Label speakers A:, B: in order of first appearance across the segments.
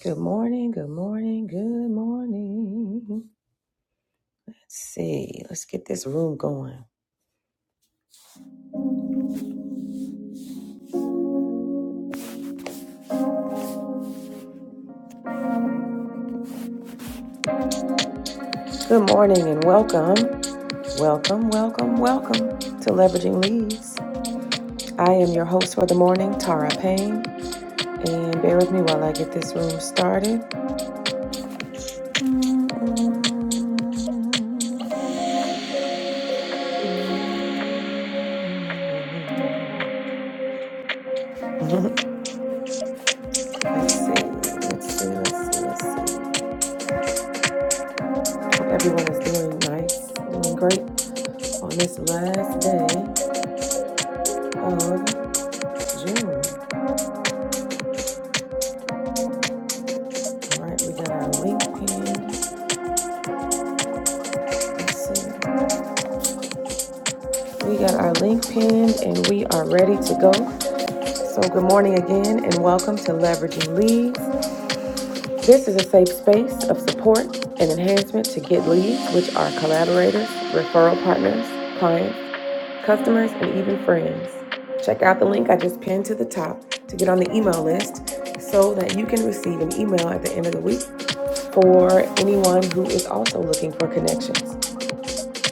A: Good morning, good morning, good morning. Let's see, let's get this room going. Good morning and welcome, welcome, welcome, welcome to Leveraging Leads. I am your host for the morning, Tara Payne, and bear with me while I get this room started. Let's see, let's see, let's see, let's see. Hope everyone is doing nice, doing great on this last day of June. All right, we got our link pinned. Let's see. We got our link pinned and we are ready to go. So, good morning again and welcome to Leveraging Leads. This is a safe space of support and enhancement to get leads, which are collaborators, referral partners, clients, customers, and even friends. Check out the link I just pinned to the top to get on the email list so that you can receive an email at the end of the week for anyone who is also looking for connections.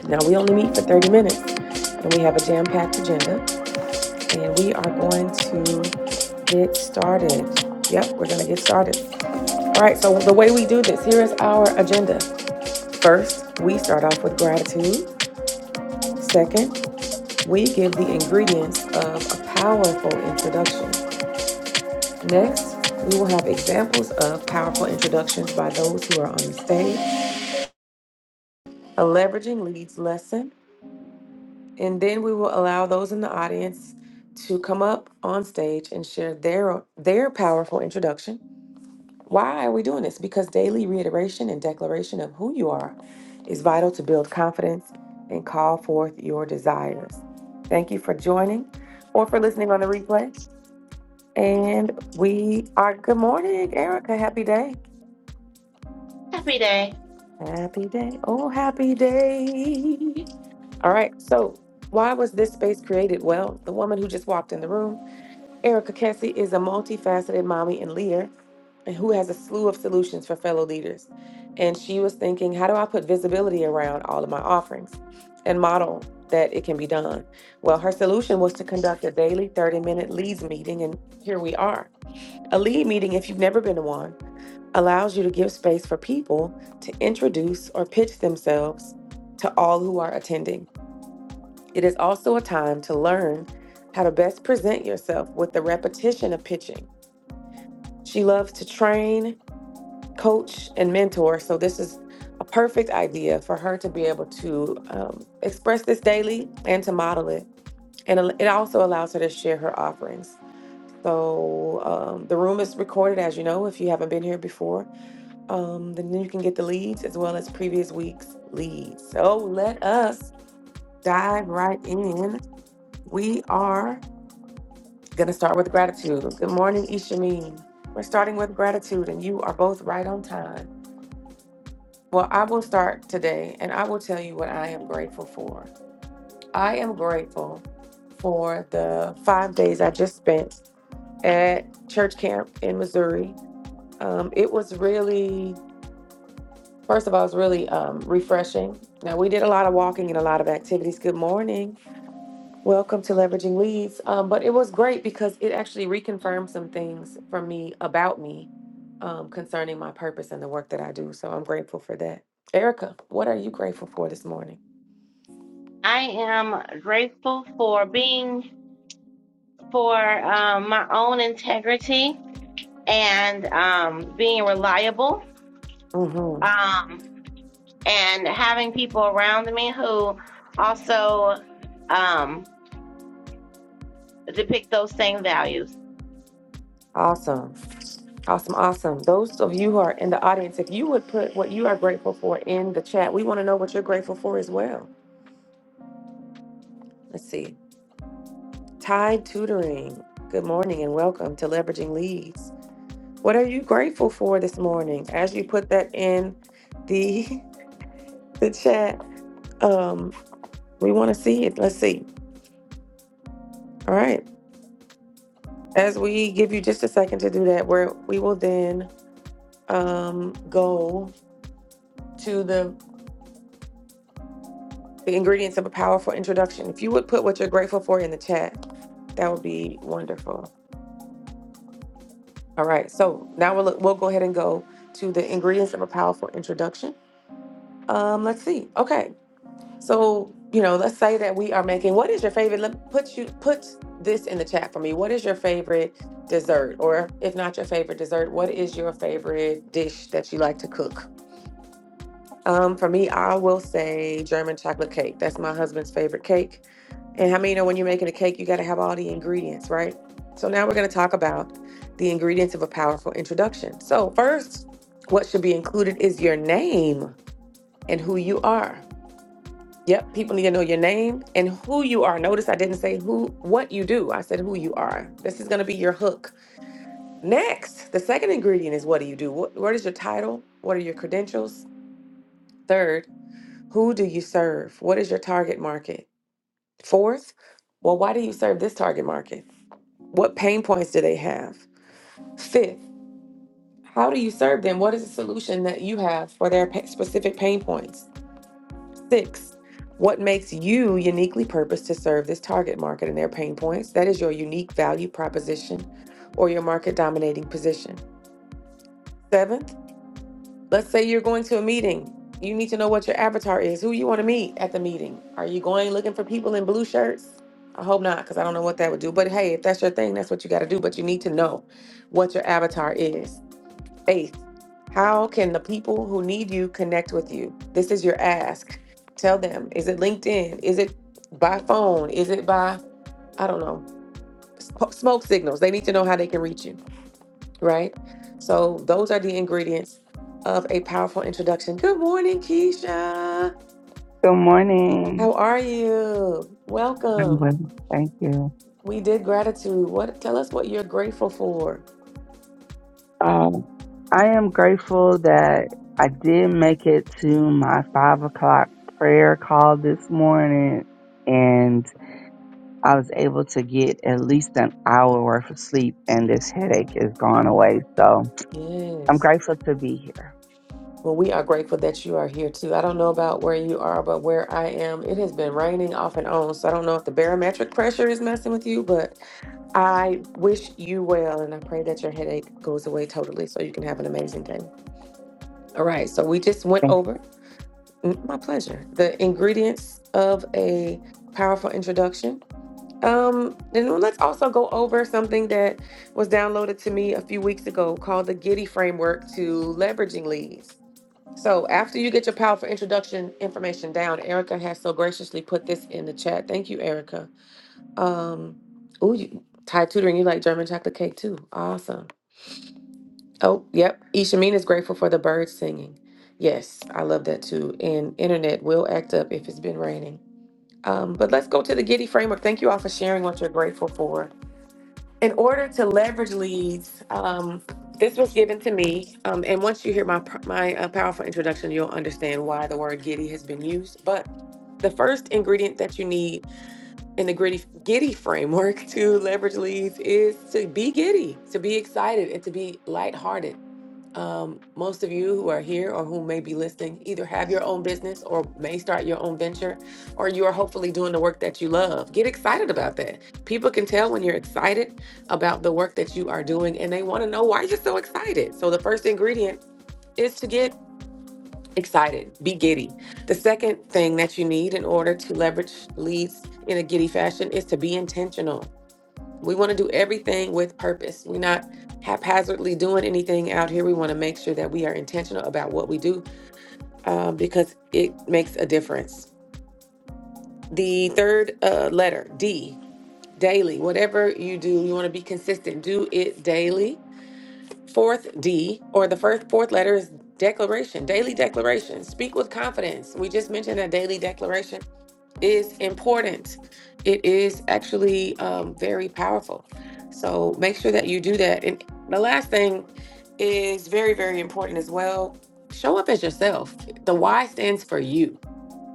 A: Now, we only meet for 30 minutes and we have a jam packed agenda and we are going to get started. Yep, we're going to get started. All right, so the way we do this, here is our agenda. First, we start off with gratitude. Second, we give the ingredients of a powerful introduction. Next, we will have examples of powerful introductions by those who are on the stage, a leveraging leads lesson, and then we will allow those in the audience to come up on stage and share their their powerful introduction. Why are we doing this? Because daily reiteration and declaration of who you are is vital to build confidence and call forth your desires. Thank you for joining or for listening on the replay. And we are good morning, Erica. Happy day.
B: Happy day.
A: Happy day. Oh, happy day. All right. So, why was this space created? Well, the woman who just walked in the room Erica Kessie is a multifaceted mommy and leader and who has a slew of solutions for fellow leaders. And she was thinking, how do I put visibility around all of my offerings and model that it can be done? Well, her solution was to conduct a daily 30 minute leads meeting, and here we are. A lead meeting, if you've never been to one, allows you to give space for people to introduce or pitch themselves to all who are attending. It is also a time to learn how to best present yourself with the repetition of pitching she loves to train, coach, and mentor. So, this is a perfect idea for her to be able to um, express this daily and to model it. And it also allows her to share her offerings. So, um, the room is recorded, as you know, if you haven't been here before. Um, then you can get the leads as well as previous week's leads. So, let us dive right in. We are going to start with gratitude. Good morning, Ishameen. We're starting with gratitude, and you are both right on time. Well, I will start today and I will tell you what I am grateful for. I am grateful for the five days I just spent at church camp in Missouri. Um, it was really, first of all, it was really um, refreshing. Now, we did a lot of walking and a lot of activities. Good morning. Welcome to Leveraging Leads. Um, but it was great because it actually reconfirmed some things for me about me um, concerning my purpose and the work that I do. So I'm grateful for that. Erica, what are you grateful for this morning?
B: I am grateful for being for um, my own integrity and um, being reliable
A: hmm
B: um, and having people around me who also um, depict those same values.
A: Awesome. Awesome. Awesome. Those of you who are in the audience, if you would put what you are grateful for in the chat, we want to know what you're grateful for as well. Let's see. Tide Tutoring. Good morning and welcome to Leveraging Leads. What are you grateful for this morning? As you put that in the the chat, um, we want to see it. Let's see. All right. As we give you just a second to do that, where we will then um, go to the The ingredients of a powerful introduction. If you would put what you're grateful for in the chat, that would be wonderful. All right, so now we'll look, we'll go ahead and go to the ingredients of a powerful introduction. Um, let's see. Okay, so you know, let's say that we are making. What is your favorite? Let put you put this in the chat for me. What is your favorite dessert, or if not your favorite dessert, what is your favorite dish that you like to cook? Um, for me, I will say German chocolate cake. That's my husband's favorite cake And how many you know when you're making a cake, you got to have all the ingredients, right? So now we're going to talk about the ingredients of a powerful introduction. So, first, what should be included is your name and who you are. Yep, people need to know your name and who you are. Notice I didn't say who what you do. I said who you are. This is going to be your hook. Next, the second ingredient is what do you do? What, what is your title? What are your credentials? Third, who do you serve? What is your target market? Fourth, well, why do you serve this target market? What pain points do they have? Fifth, how do you serve them? What is the solution that you have for their pa- specific pain points? Six, what makes you uniquely purposed to serve this target market and their pain points? That is your unique value proposition or your market dominating position. Seventh, Let's say you're going to a meeting. You need to know what your avatar is, who you want to meet at the meeting. Are you going looking for people in blue shirts? I hope not, because I don't know what that would do. But hey, if that's your thing, that's what you got to do. But you need to know what your avatar is. Faith, how can the people who need you connect with you? This is your ask. Tell them is it LinkedIn? Is it by phone? Is it by, I don't know, sp- smoke signals? They need to know how they can reach you right? So those are the ingredients of a powerful introduction. Good morning, Keisha.
C: Good
A: How
C: morning.
A: are you?
C: I'm
A: Welcome.
C: well, thank you.
A: We did gratitude. What tell us what you're grateful for?
C: Um, I am grateful that I did make it to my five o'clock prayer call this morning, and I was able to get at least an hour worth of sleep, and this headache is gone away. So I'm
A: Yes.
C: grateful to be here.
A: Well, we are grateful that you are here too. I don't know about where you are, but where I am, it has been raining off and on. So I don't know if the barometric pressure is messing with you, but I wish you well and I pray that your headache goes away totally so you can have an amazing day. All right, so we just went
C: Thank
A: over. Mm, My pleasure. The ingredients of a powerful introduction. Um, and then let's also go over something that was downloaded to me a few weeks ago called the Giddy Framework to Leveraging Leads. So after you get your powerful introduction information down, Erica has so graciously put this in the chat. Thank you, Erica. Um, ooh, you, Thai tutoring, you like German chocolate cake too. Awesome. Oh, yep. Ishamine is grateful for the birds singing. Yes, I love that too. And internet will act up if it's been raining. Um, but let's go to the Giddy framework. Thank you all for sharing what you're grateful for. In order to leverage leads, um, this was given to me. Um, and once you hear my pr- my uh, powerful introduction, you'll understand why the word Giddy has been used. But the first ingredient that you need in the gritty giddy framework to leverage leads is to be giddy, to be excited, and to be lighthearted um, most of you who are here or who may be listening either have your own business or may start your own venture, or you are hopefully doing the work that you love. Get excited about that. People can tell when you're excited about the work that you are doing and they want to know why you're so excited. So, the first ingredient is to get excited, be giddy. The second thing that you need in order to leverage leads in a giddy fashion is to be intentional. We want to do everything with purpose. We're not haphazardly doing anything out here. We want to make sure that we are intentional about what we do um, because it makes a difference. The third uh, letter, D, daily. Whatever you do, you want to be consistent. Do it daily. Fourth D, or the first fourth letter is declaration. Daily declaration. Speak with confidence. We just mentioned a daily declaration is important. It is actually um, very powerful. So make sure that you do that. And the last thing is very, very important as well. Show up as yourself. The Y stands for you.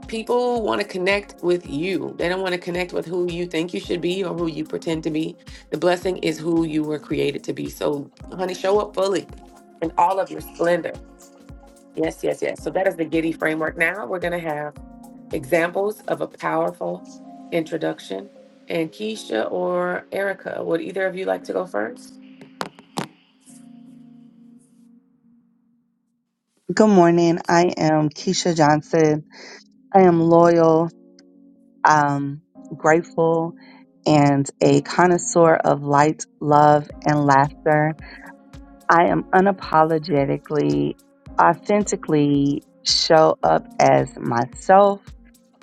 A: People want to connect with you. They don't want to connect with who you think you should be or who you pretend to be. The blessing is who you were created to be. So, honey, show up fully in all of your splendor. Yes, yes, yes. So, that is the Giddy framework. Now, we're going to have Examples of a powerful introduction. And Keisha or Erica, would either of you like to go first?
C: you. Good morning. I am Keisha Johnson. I am loyal, um, grateful, and a connoisseur of light, love, and laughter. I am unapologetically, authentically show up as myself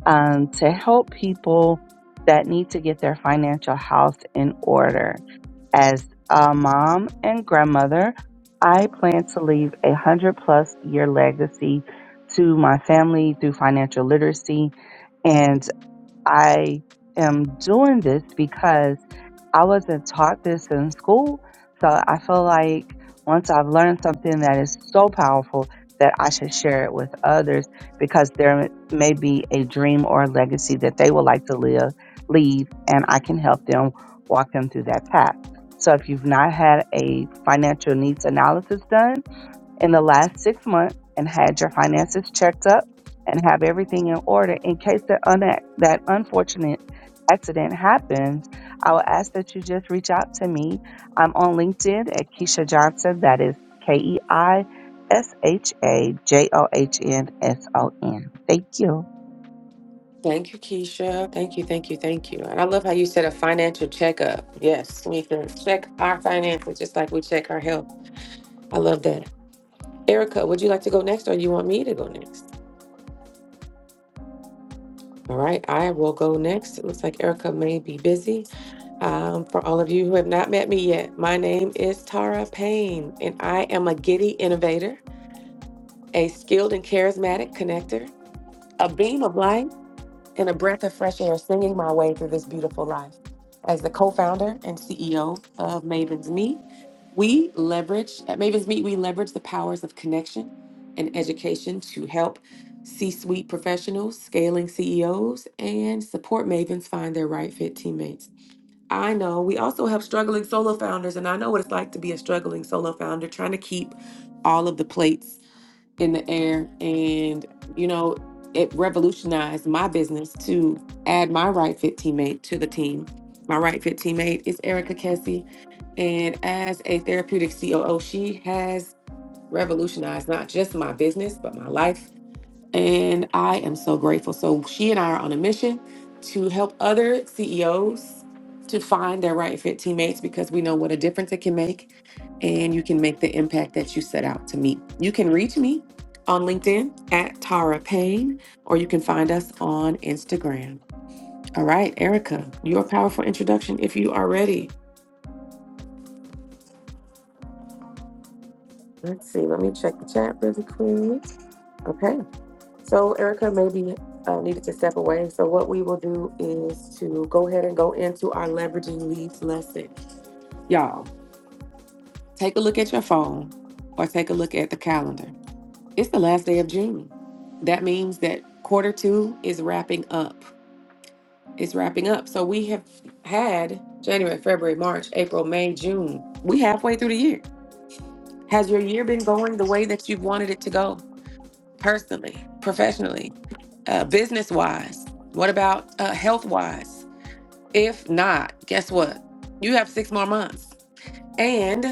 C: um, to help people that need to get their financial house in order. As a mom and grandmother, I plan to leave a hundred plus year legacy to my family through financial literacy. and. I am doing this because I wasn't taught this in school. So I feel like once I've learned something that is so powerful that I should share it with others because there may be a dream or a legacy that they would like to live, leave, and I can help them walk them through that path. So if you've not had a financial needs analysis done, in the last six months and had your finances checked up and have everything in order in case that, un- that unfortunate accident happens, I will ask that you just reach out to me. I'm on LinkedIn at Keisha Johnson. That is K E I S H A J O H N S O N. Thank you.
A: Thank you, Keisha. Thank you, thank you, thank you. And I love how you said a financial checkup. Yes, we can check our finances just like we check our health. I love that. Erica, would you like to go next or you want me to go next? All right, I will go next. It looks like Erica may be busy. Um, for all of you who have not met me yet, my name is Tara Payne and I am a giddy innovator. a skilled and charismatic connector, a beam of light, and a breath of fresh air singing my way through this beautiful life. As the co founder and CEO of Maven's Meet, we leverage, at Maven's Meet, we leverage the powers of connection and education to help C suite professionals, scaling CEOs, and support Mavens find their right fit teammates. I know we also help struggling solo founders, and I know what it's like to be a struggling solo founder trying to keep all of the plates in the air and you know it revolutionized my business to add my right fit teammate to the team my right fit teammate is erica kessie and as a therapeutic coo she has revolutionized not just my business but my life and i am so grateful so she and i are on a mission to help other ceos to find their right fit teammates because we know what a difference it can make and you can make the impact that you set out to meet. You can reach me on LinkedIn at Tara Payne, or you can find us on Instagram. All right, Erica, your powerful introduction if you are ready. Let's see, let me check the chat really quick. Okay, so Erica maybe uh, needed to step away. So, what we will do is to go ahead and go into our leveraging leads lesson. Y'all, take a look at your phone or take a look at the calendar It's the last day of June. That means that quarter two is wrapping up. It's wrapping up. So we have had January, February, March, April, May, June. We halfway through the year. Has your year been going the way that you've wanted it to go? Personally, professionally, uh, business wise? What about uh, health wise? If not, guess what? You have six more months. And.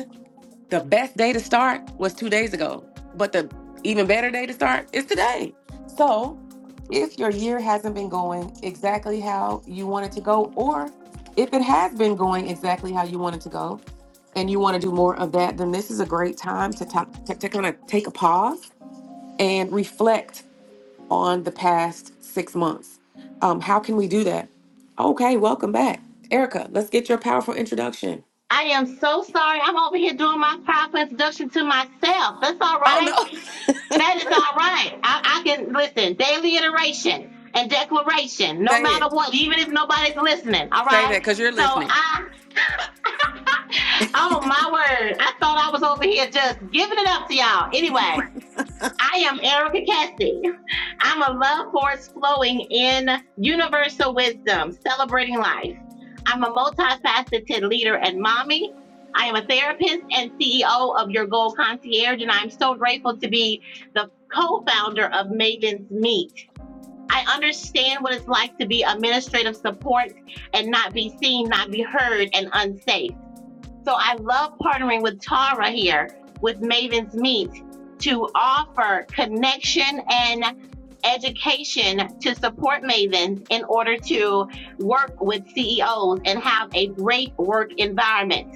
A: The best day to start was two days ago, but the even better day to start is today. So, if your year hasn't been going exactly how you want it to go, or if it has been going exactly how you want it to go, and you want to do more of that, then this is a great time to, talk, to, to kind of take a pause and reflect on the past six months. Um, how can we do that? Okay, welcome back. Erica, let's get your powerful introduction.
B: I am so sorry. I'm over here doing my proper introduction to myself. That's all
A: Oh,
B: right.
A: no.
B: That is all right. I, I can listen daily iteration and declaration, no
A: Say
B: matter
A: it.
B: what, even if nobody's listening. All
A: Say that
B: right.
A: because you're
B: So
A: listening.
B: I, oh my word, I thought I was over here just giving it up to y'all. Anyway, I am Erica Cassie. I'm a love force flowing in universal wisdom, celebrating life. I'm a multifaceted leader and mommy. I am a therapist and CEO of Your Goal Concierge, and I'm so grateful to be the co founder of Maven's Meet. I understand what it's like to be administrative support and not be seen, not be heard, and unsafe. So I love partnering with Tara here with Maven's Meet to offer connection and education to support Mavens in order to work with CEOs and have a great work environment.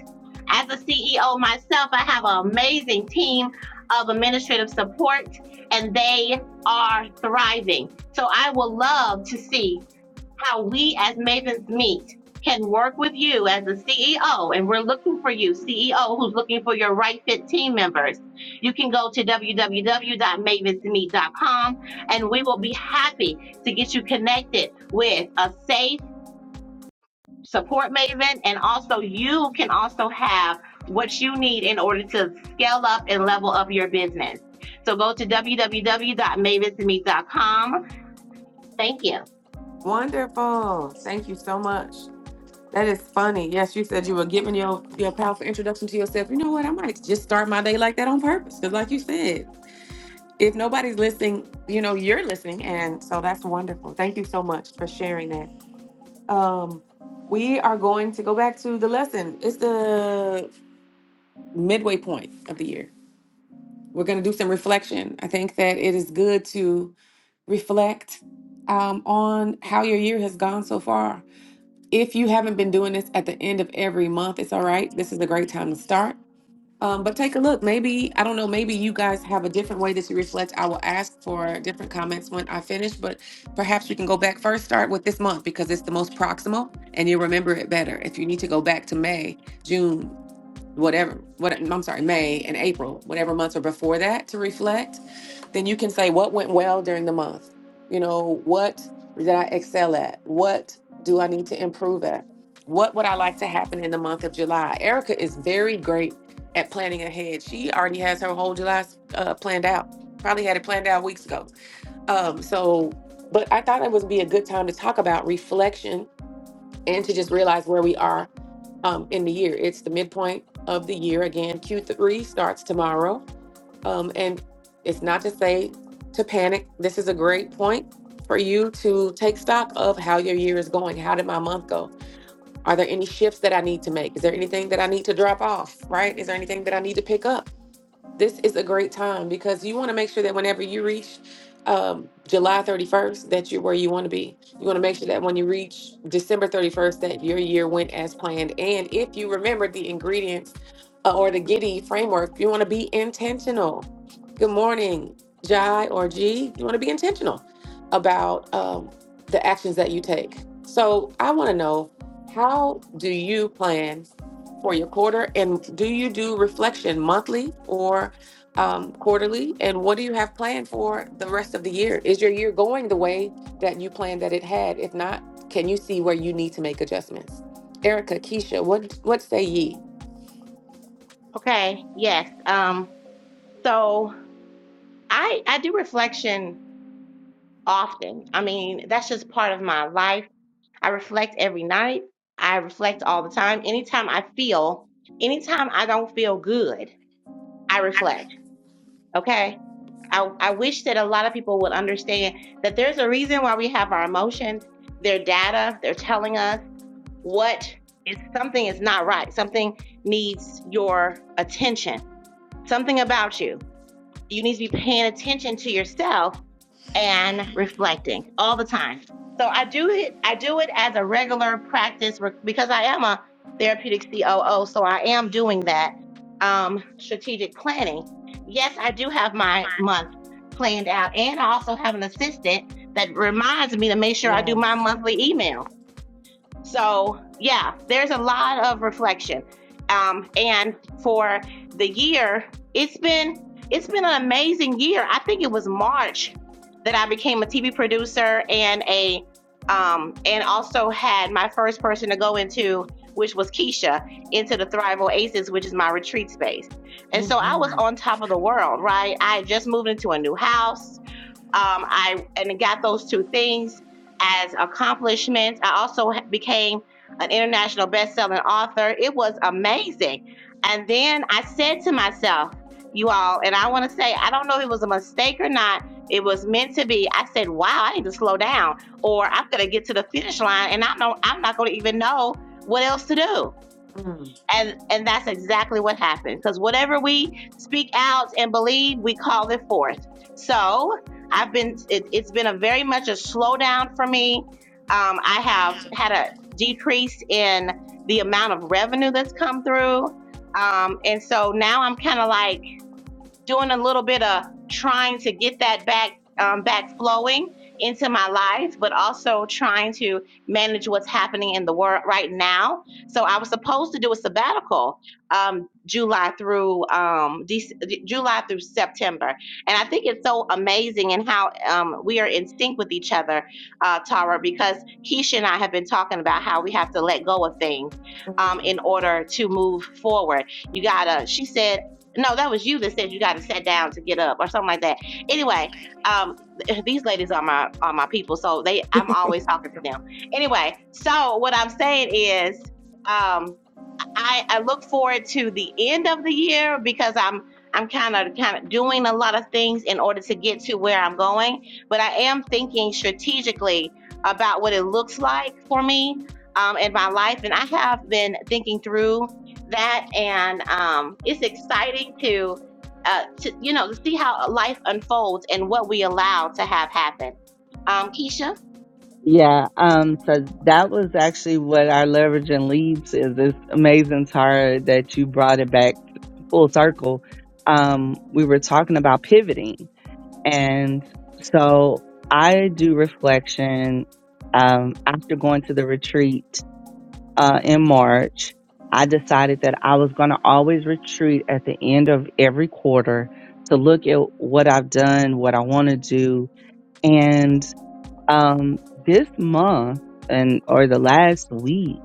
B: As a CEO myself, I have an amazing team of administrative support and they are thriving. So I will love to see how we as Mavens Meet can work with you as a CEO, and we're looking for you, CEO who's looking for your right fit team members. You can go to w w w dot mavens meet dot com, and we will be happy to get you connected with a safe support maven. And also, you can also have what you need in order to scale up and level up your business. So go to w w w dot mavens meet dot com. Thank you.
A: Wonderful. Thank you so much. That is funny. Yes, you said you were giving your, your powerful introduction to yourself. You know what? I might just start my day like that on purpose. Because, like you said, if nobody's listening, you know, you're listening. And so that's wonderful. Thank you so much for sharing that. Um, we are going to go back to the lesson. It's the midway point of the year. We're going to do some reflection. I think that it is good to reflect um, on how your year has gone so far If you haven't been doing this at the end of every month, it's all right. This is a great time to start. Um, but take a look. Maybe, I don't know, maybe you guys have a different way that you reflect. I will ask for different comments when I finish, but perhaps we can go back first. Start with this month because it's the most proximal and you'll remember it better. If you need to go back to May, June, whatever what I'm sorry, May and April, whatever months are before that to reflect, then you can say what went well during the month. You know, what did I excel at? What do I need to improve at? What would I like to happen in the month of July? Erica is very great at planning ahead. She already has her whole July uh, planned out. Probably had it planned out weeks ago. Um, so, but I thought it would be a good time to talk about reflection and to just realize where we are um, in the year. It's the midpoint of the year. Again, Q3 starts tomorrow. Um, and it's not to say to panic. This is a great point for you to take stock of how your year is going. How did my month go? Are there any shifts that I need to make? Is there anything that I need to drop off? Right? Is there anything that I need to pick up? this is a great time because you want to make sure that whenever you reach um, July 31st, that you're where you want to be. You want to make sure that when you reach December 31st, that your year went as planned. And if you remember the ingredients uh, or the Giddy framework, you want to be intentional. Good morning, Jai or G. You want to be intentional about um, the actions that you take. So I want to know how do you plan for your quarter? And do you do reflection monthly or um, quarterly? And what do you have planned for the rest of the year? Is your year going the way that you planned that it had? If not, can you see where you need to make adjustments? Erica, Keisha, what what say ye?
B: Okay. Yes. Um, so I I do reflection often. I mean, that's just part of my life. I reflect every night. I reflect all the time. Anytime I feel, anytime I don't feel good, I reflect. Okay. I, I wish that a lot of people would understand that there's a reason why we have our emotions. They're data. They're telling us what is something is not right. Something needs your attention. Something about you. You need to be paying attention to yourself and reflecting all the time. So I do it. I do it as a regular practice re- because I am a therapeutic COO. So I am doing that um, strategic planning. Yes, I do have my month planned out, and I also have an assistant that reminds me to make sure I do my
A: Yes.
B: monthly emails. So, yeah, there's a lot of reflection. Um, and for the year, it's been it's been an amazing year. I think it was March that I became a TV producer and a um and also had my first person to go into which was Keisha into the Thrive Oasis, which is my retreat space. And so I was on top of the world, right? I had just moved into a new house. Um, I and I got those two things as accomplishments. I also ha- became an international best-selling author. It was amazing. And then I said to myself, you all, and I want to say, I don't know if it was a mistake or not. It was meant to be. I said, wow, I need to slow down, or I'm gonna get to the finish line, and I not. I'm not gonna even know what else to do
A: Mm,
B: and and that's exactly what happened because whatever we speak out and believe we call it forth so i've been it, it's been a very much a slowdown for me um, i have had a decrease in the amount of revenue that's come through um, and so now i'm kind of like doing a little bit of trying to get that back um, back flowing into my life, but also trying to manage what's happening in the world right now. So I was supposed to do a sabbatical um, July through um, Dec- July through September, and I think it's so amazing and how um, we are in sync with each other, uh, Tara, because Keisha and I have been talking about how we have to let go of things um, in
A: mm.
B: order to move forward. You gotta, she said no, that was you that said you got to sit down to get up or something like that. Anyway, um, th- these ladies are my are my people, so they I'm always talking to them. Anyway, so what I'm saying is, um. I, I look forward to the end of the year because I'm I'm kind of kind of doing a lot of things in order to get to where I'm going. But I am thinking strategically about what it looks like for me um, in my life, and I have been thinking through that, and um, it's exciting to. Uh, to you know to see how life unfolds and what we allow to have happen um keisha
C: Yeah, um, so that was actually what our leverage and leads is. It's amazing, Tara, that you brought it back full circle. Um, we were talking about pivoting, and so I do reflection. Um, after going to the retreat uh, in March, I decided that I was going to always retreat at the end of every quarter to look at what I've done, what I want to do, and. Um, this month and or the last week,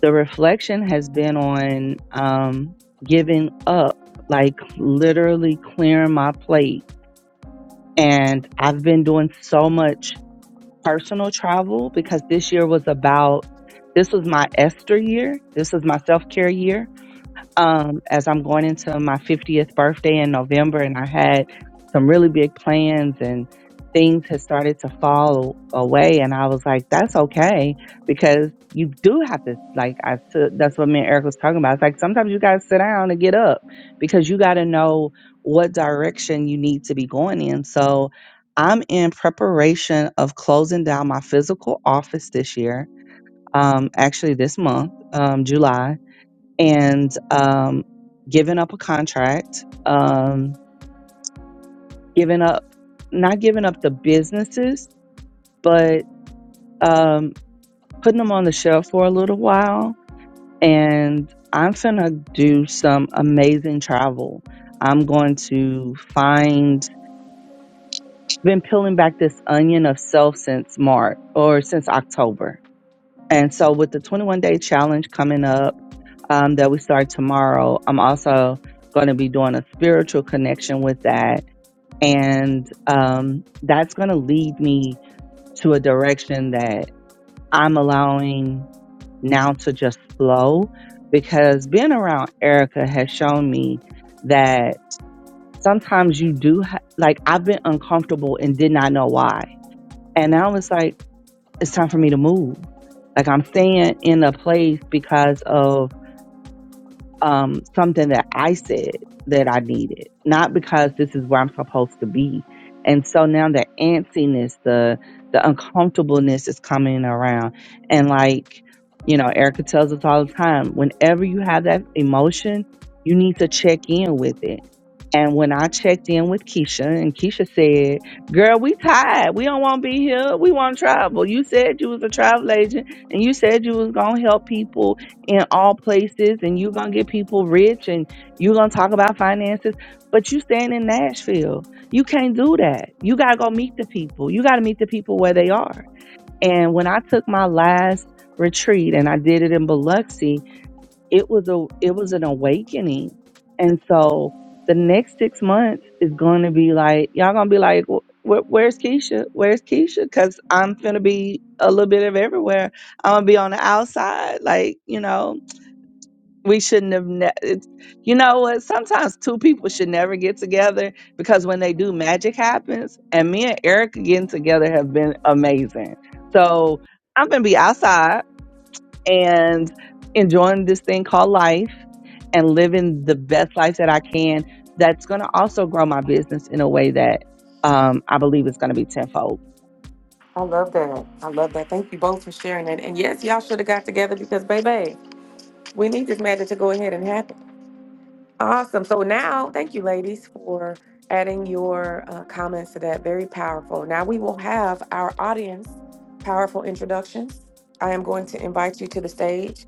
C: the reflection has been on um, giving up, like literally clearing my plate. And I've been doing so much personal travel because this year was about this was my Esther year. This was my self care year um, as I'm going into my 50th birthday in November, and I had some really big plans, and things had started to fall away. And I was like, that's okay because you do have to, like, I took that's what me and Eric was talking about. It's like sometimes you got to sit down and get up because you got to know what direction you need to be going in. So I'm in preparation of closing down my physical office this year, um, actually, this month, um, July and um, giving up a contract, um, giving up, not giving up the businesses, but um, putting them on the shelf for a little while. And I'm finna do some amazing travel. I'm going to find, been peeling back this onion of self since March or since October And so, with the 21 day challenge coming up um, that we start tomorrow, I'm also going to be doing a spiritual connection with that. And um, that's going to lead me to a direction that I'm allowing now to just flow because being around Erica has shown me that sometimes you do, ha- like, I've been uncomfortable and did not know why. And I was like, it's time for me to move. Like I'm staying in a place because of um, something that I said that I needed, not because this is where I'm supposed to be. And so now the antsiness, the the uncomfortableness is coming around, and like you know, Erica tells us all the time, whenever you have that emotion, you need to check in with it. And when I checked in with Keisha, and Keisha said, "Girl, we tired. We don't want to be here. We want to travel. You said you was a travel agent, and you said you was gonna help people in all places and you're gonna get people rich and you're gonna talk about finances but you staying in nashville you can't do that you gotta go meet the people you gotta meet the people where they are and when i took my last retreat and i did it in biloxi it was a it was an awakening and so the next six months is going to be like y'all gonna be like "Wh- wh- where's keisha where's keisha because i'm gonna be a little bit of everywhere i'm gonna be on the outside like you know we shouldn't have ne- it's, you know what sometimes two people should never get together because when they do magic happens and me and erica getting together have been amazing so i'm gonna be outside and enjoying this thing called life and living the best life that i can that's gonna also grow my business in a way that um, i believe is gonna be tenfold
A: I love that. I love that. Thank you both for sharing that. And yes, y'all should have got together because, baby, we need this matter to go ahead and happen. Awesome. So now, thank you, ladies, for adding your uh, comments to that. Very powerful. Now we will have our audience powerful introductions. I am going to invite you to the stage.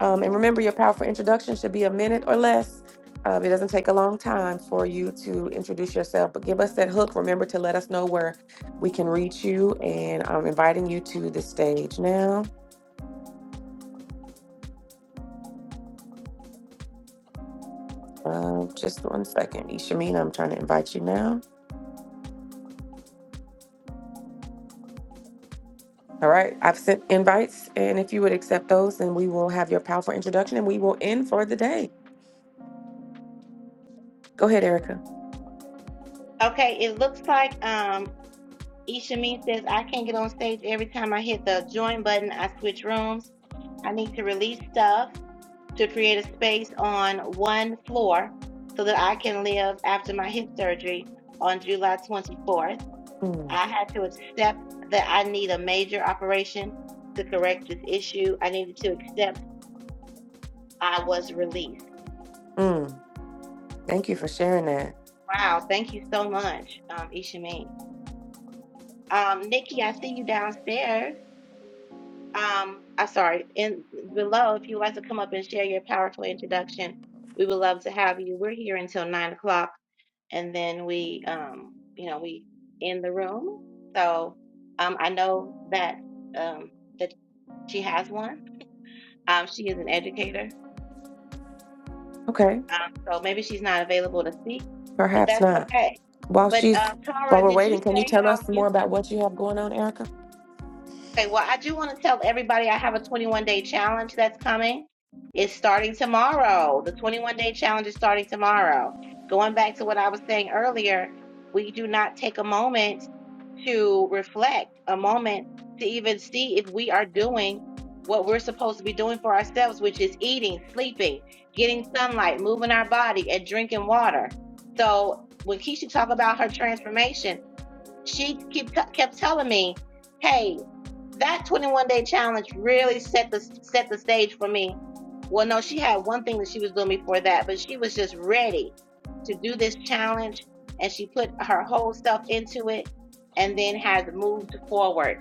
A: Um, and remember, your powerful introduction should be a minute or less. Uh, it doesn't take a long time for you to introduce yourself, but give us that hook. Remember to let us know where we can reach you. And I'm inviting you to the stage now. Um, just one second. Ishamina, I'm trying to invite you now. All right, I've sent invites, and if you would accept those, then we will have your powerful introduction and we will end for the day. Go ahead, Erica.
B: okay it looks like um Ishamin says, I can't get on stage every time I hit the join button. I switch rooms. I need to release stuff to create a space on one floor so that I can live after my hip surgery on July 24th.
A: Mm,
B: I had to accept that I need a major operation to correct this issue. I needed to accept I was released.
A: mm, thank you for sharing that.
B: Wow. Thank you so much, um, Ishamin. Um, Nikki, I see you downstairs. Um, I'm sorry. In below, if you'd like to come up and share your powerful introduction, we would love to have you. We're here until nine o'clock, and then we, um, you know, we in the room. So um, I know that um, that she has one. Um, she is an educator,
A: Okay,
B: um, so maybe she's not available to speak, but
A: perhaps
B: that's
A: not.
B: okay.
A: While
B: But
A: she's
B: uh,
A: while
B: Tara,
A: we're
B: did you
A: waiting, can you
B: say
A: tell
B: how
A: us
B: you?
A: more about what you have going on, Erica?
B: Okay, well, I do want to tell everybody I have a 21 day challenge that's coming. It's starting tomorrow. The 21 day challenge is starting tomorrow. Going back to what I was saying earlier, we do not take a moment to reflect, a moment to even see if we are doing what we're supposed to be doing for ourselves, which is eating, sleeping, getting sunlight, moving our body, and drinking water. So when Keisha talked about her transformation, she keep, kept telling me, hey, that 21 day challenge really set the set the stage for me. Well, no, she had one thing that she was doing before that, but she was just ready to do this challenge and she put her whole self into it and then has moved forward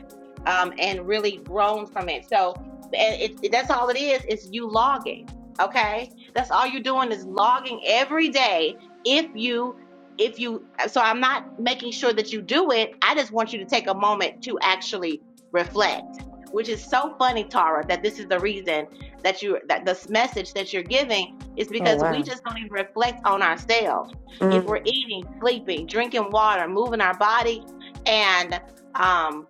B: um, and really grown from it. So and it, it- that's all it is, is you logging. Okay. That's all you're doing is logging every day. If you, if you, so I'm not making sure that you do it. I just want you to take a moment to actually reflect which is so funny tara that this is the reason that you that this message that you're giving is
A: Oh
B: because we
A: wow.
B: just don't even reflect on ourselves if we're
A: Mm,
B: eating sleeping drinking water moving our body and um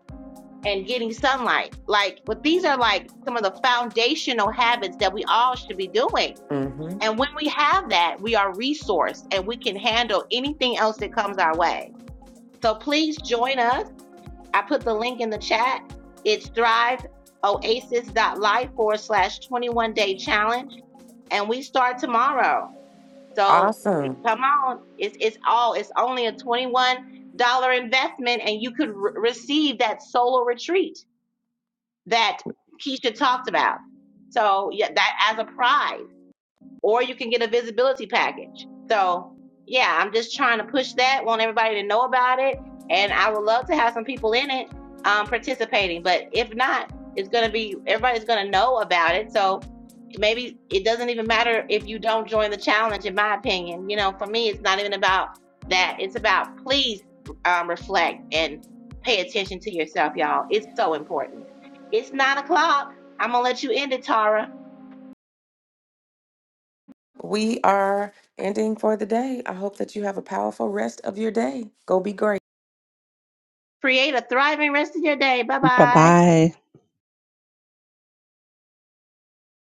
B: and getting sunlight like but these are like some of the foundational habits that we all should be doing
A: mm-hmm.
B: and when we have that we are resourced and we can handle anything else that comes our way so please join us I put the link in the chat. It's thriveoasis.life forward slash 21 day challenge. And we start tomorrow. So
A: Awesome.
B: come on. It's, it's all, it's only a $21 investment and you could re- receive that solo retreat that Keisha talked about. So yeah, that as a prize or you can get a visibility package. So, yeah, I'm just trying to push that, want everybody to know about it, and I would love to have some people in it um, participating. But if not, it's going to be everybody's going to know about it. So maybe it doesn't even matter if you don't join the challenge, in my opinion. You know, for me, it's not even about that. It's about please um, reflect and pay attention to yourself, y'all. It's so important. It's nine o'clock. I'm going to let you end it, Tara.
A: We are ending for the day. I hope that you have a powerful rest of your day. Go be great.
B: Create a thriving rest of your day. Bye
C: bye
B: bye.
C: bye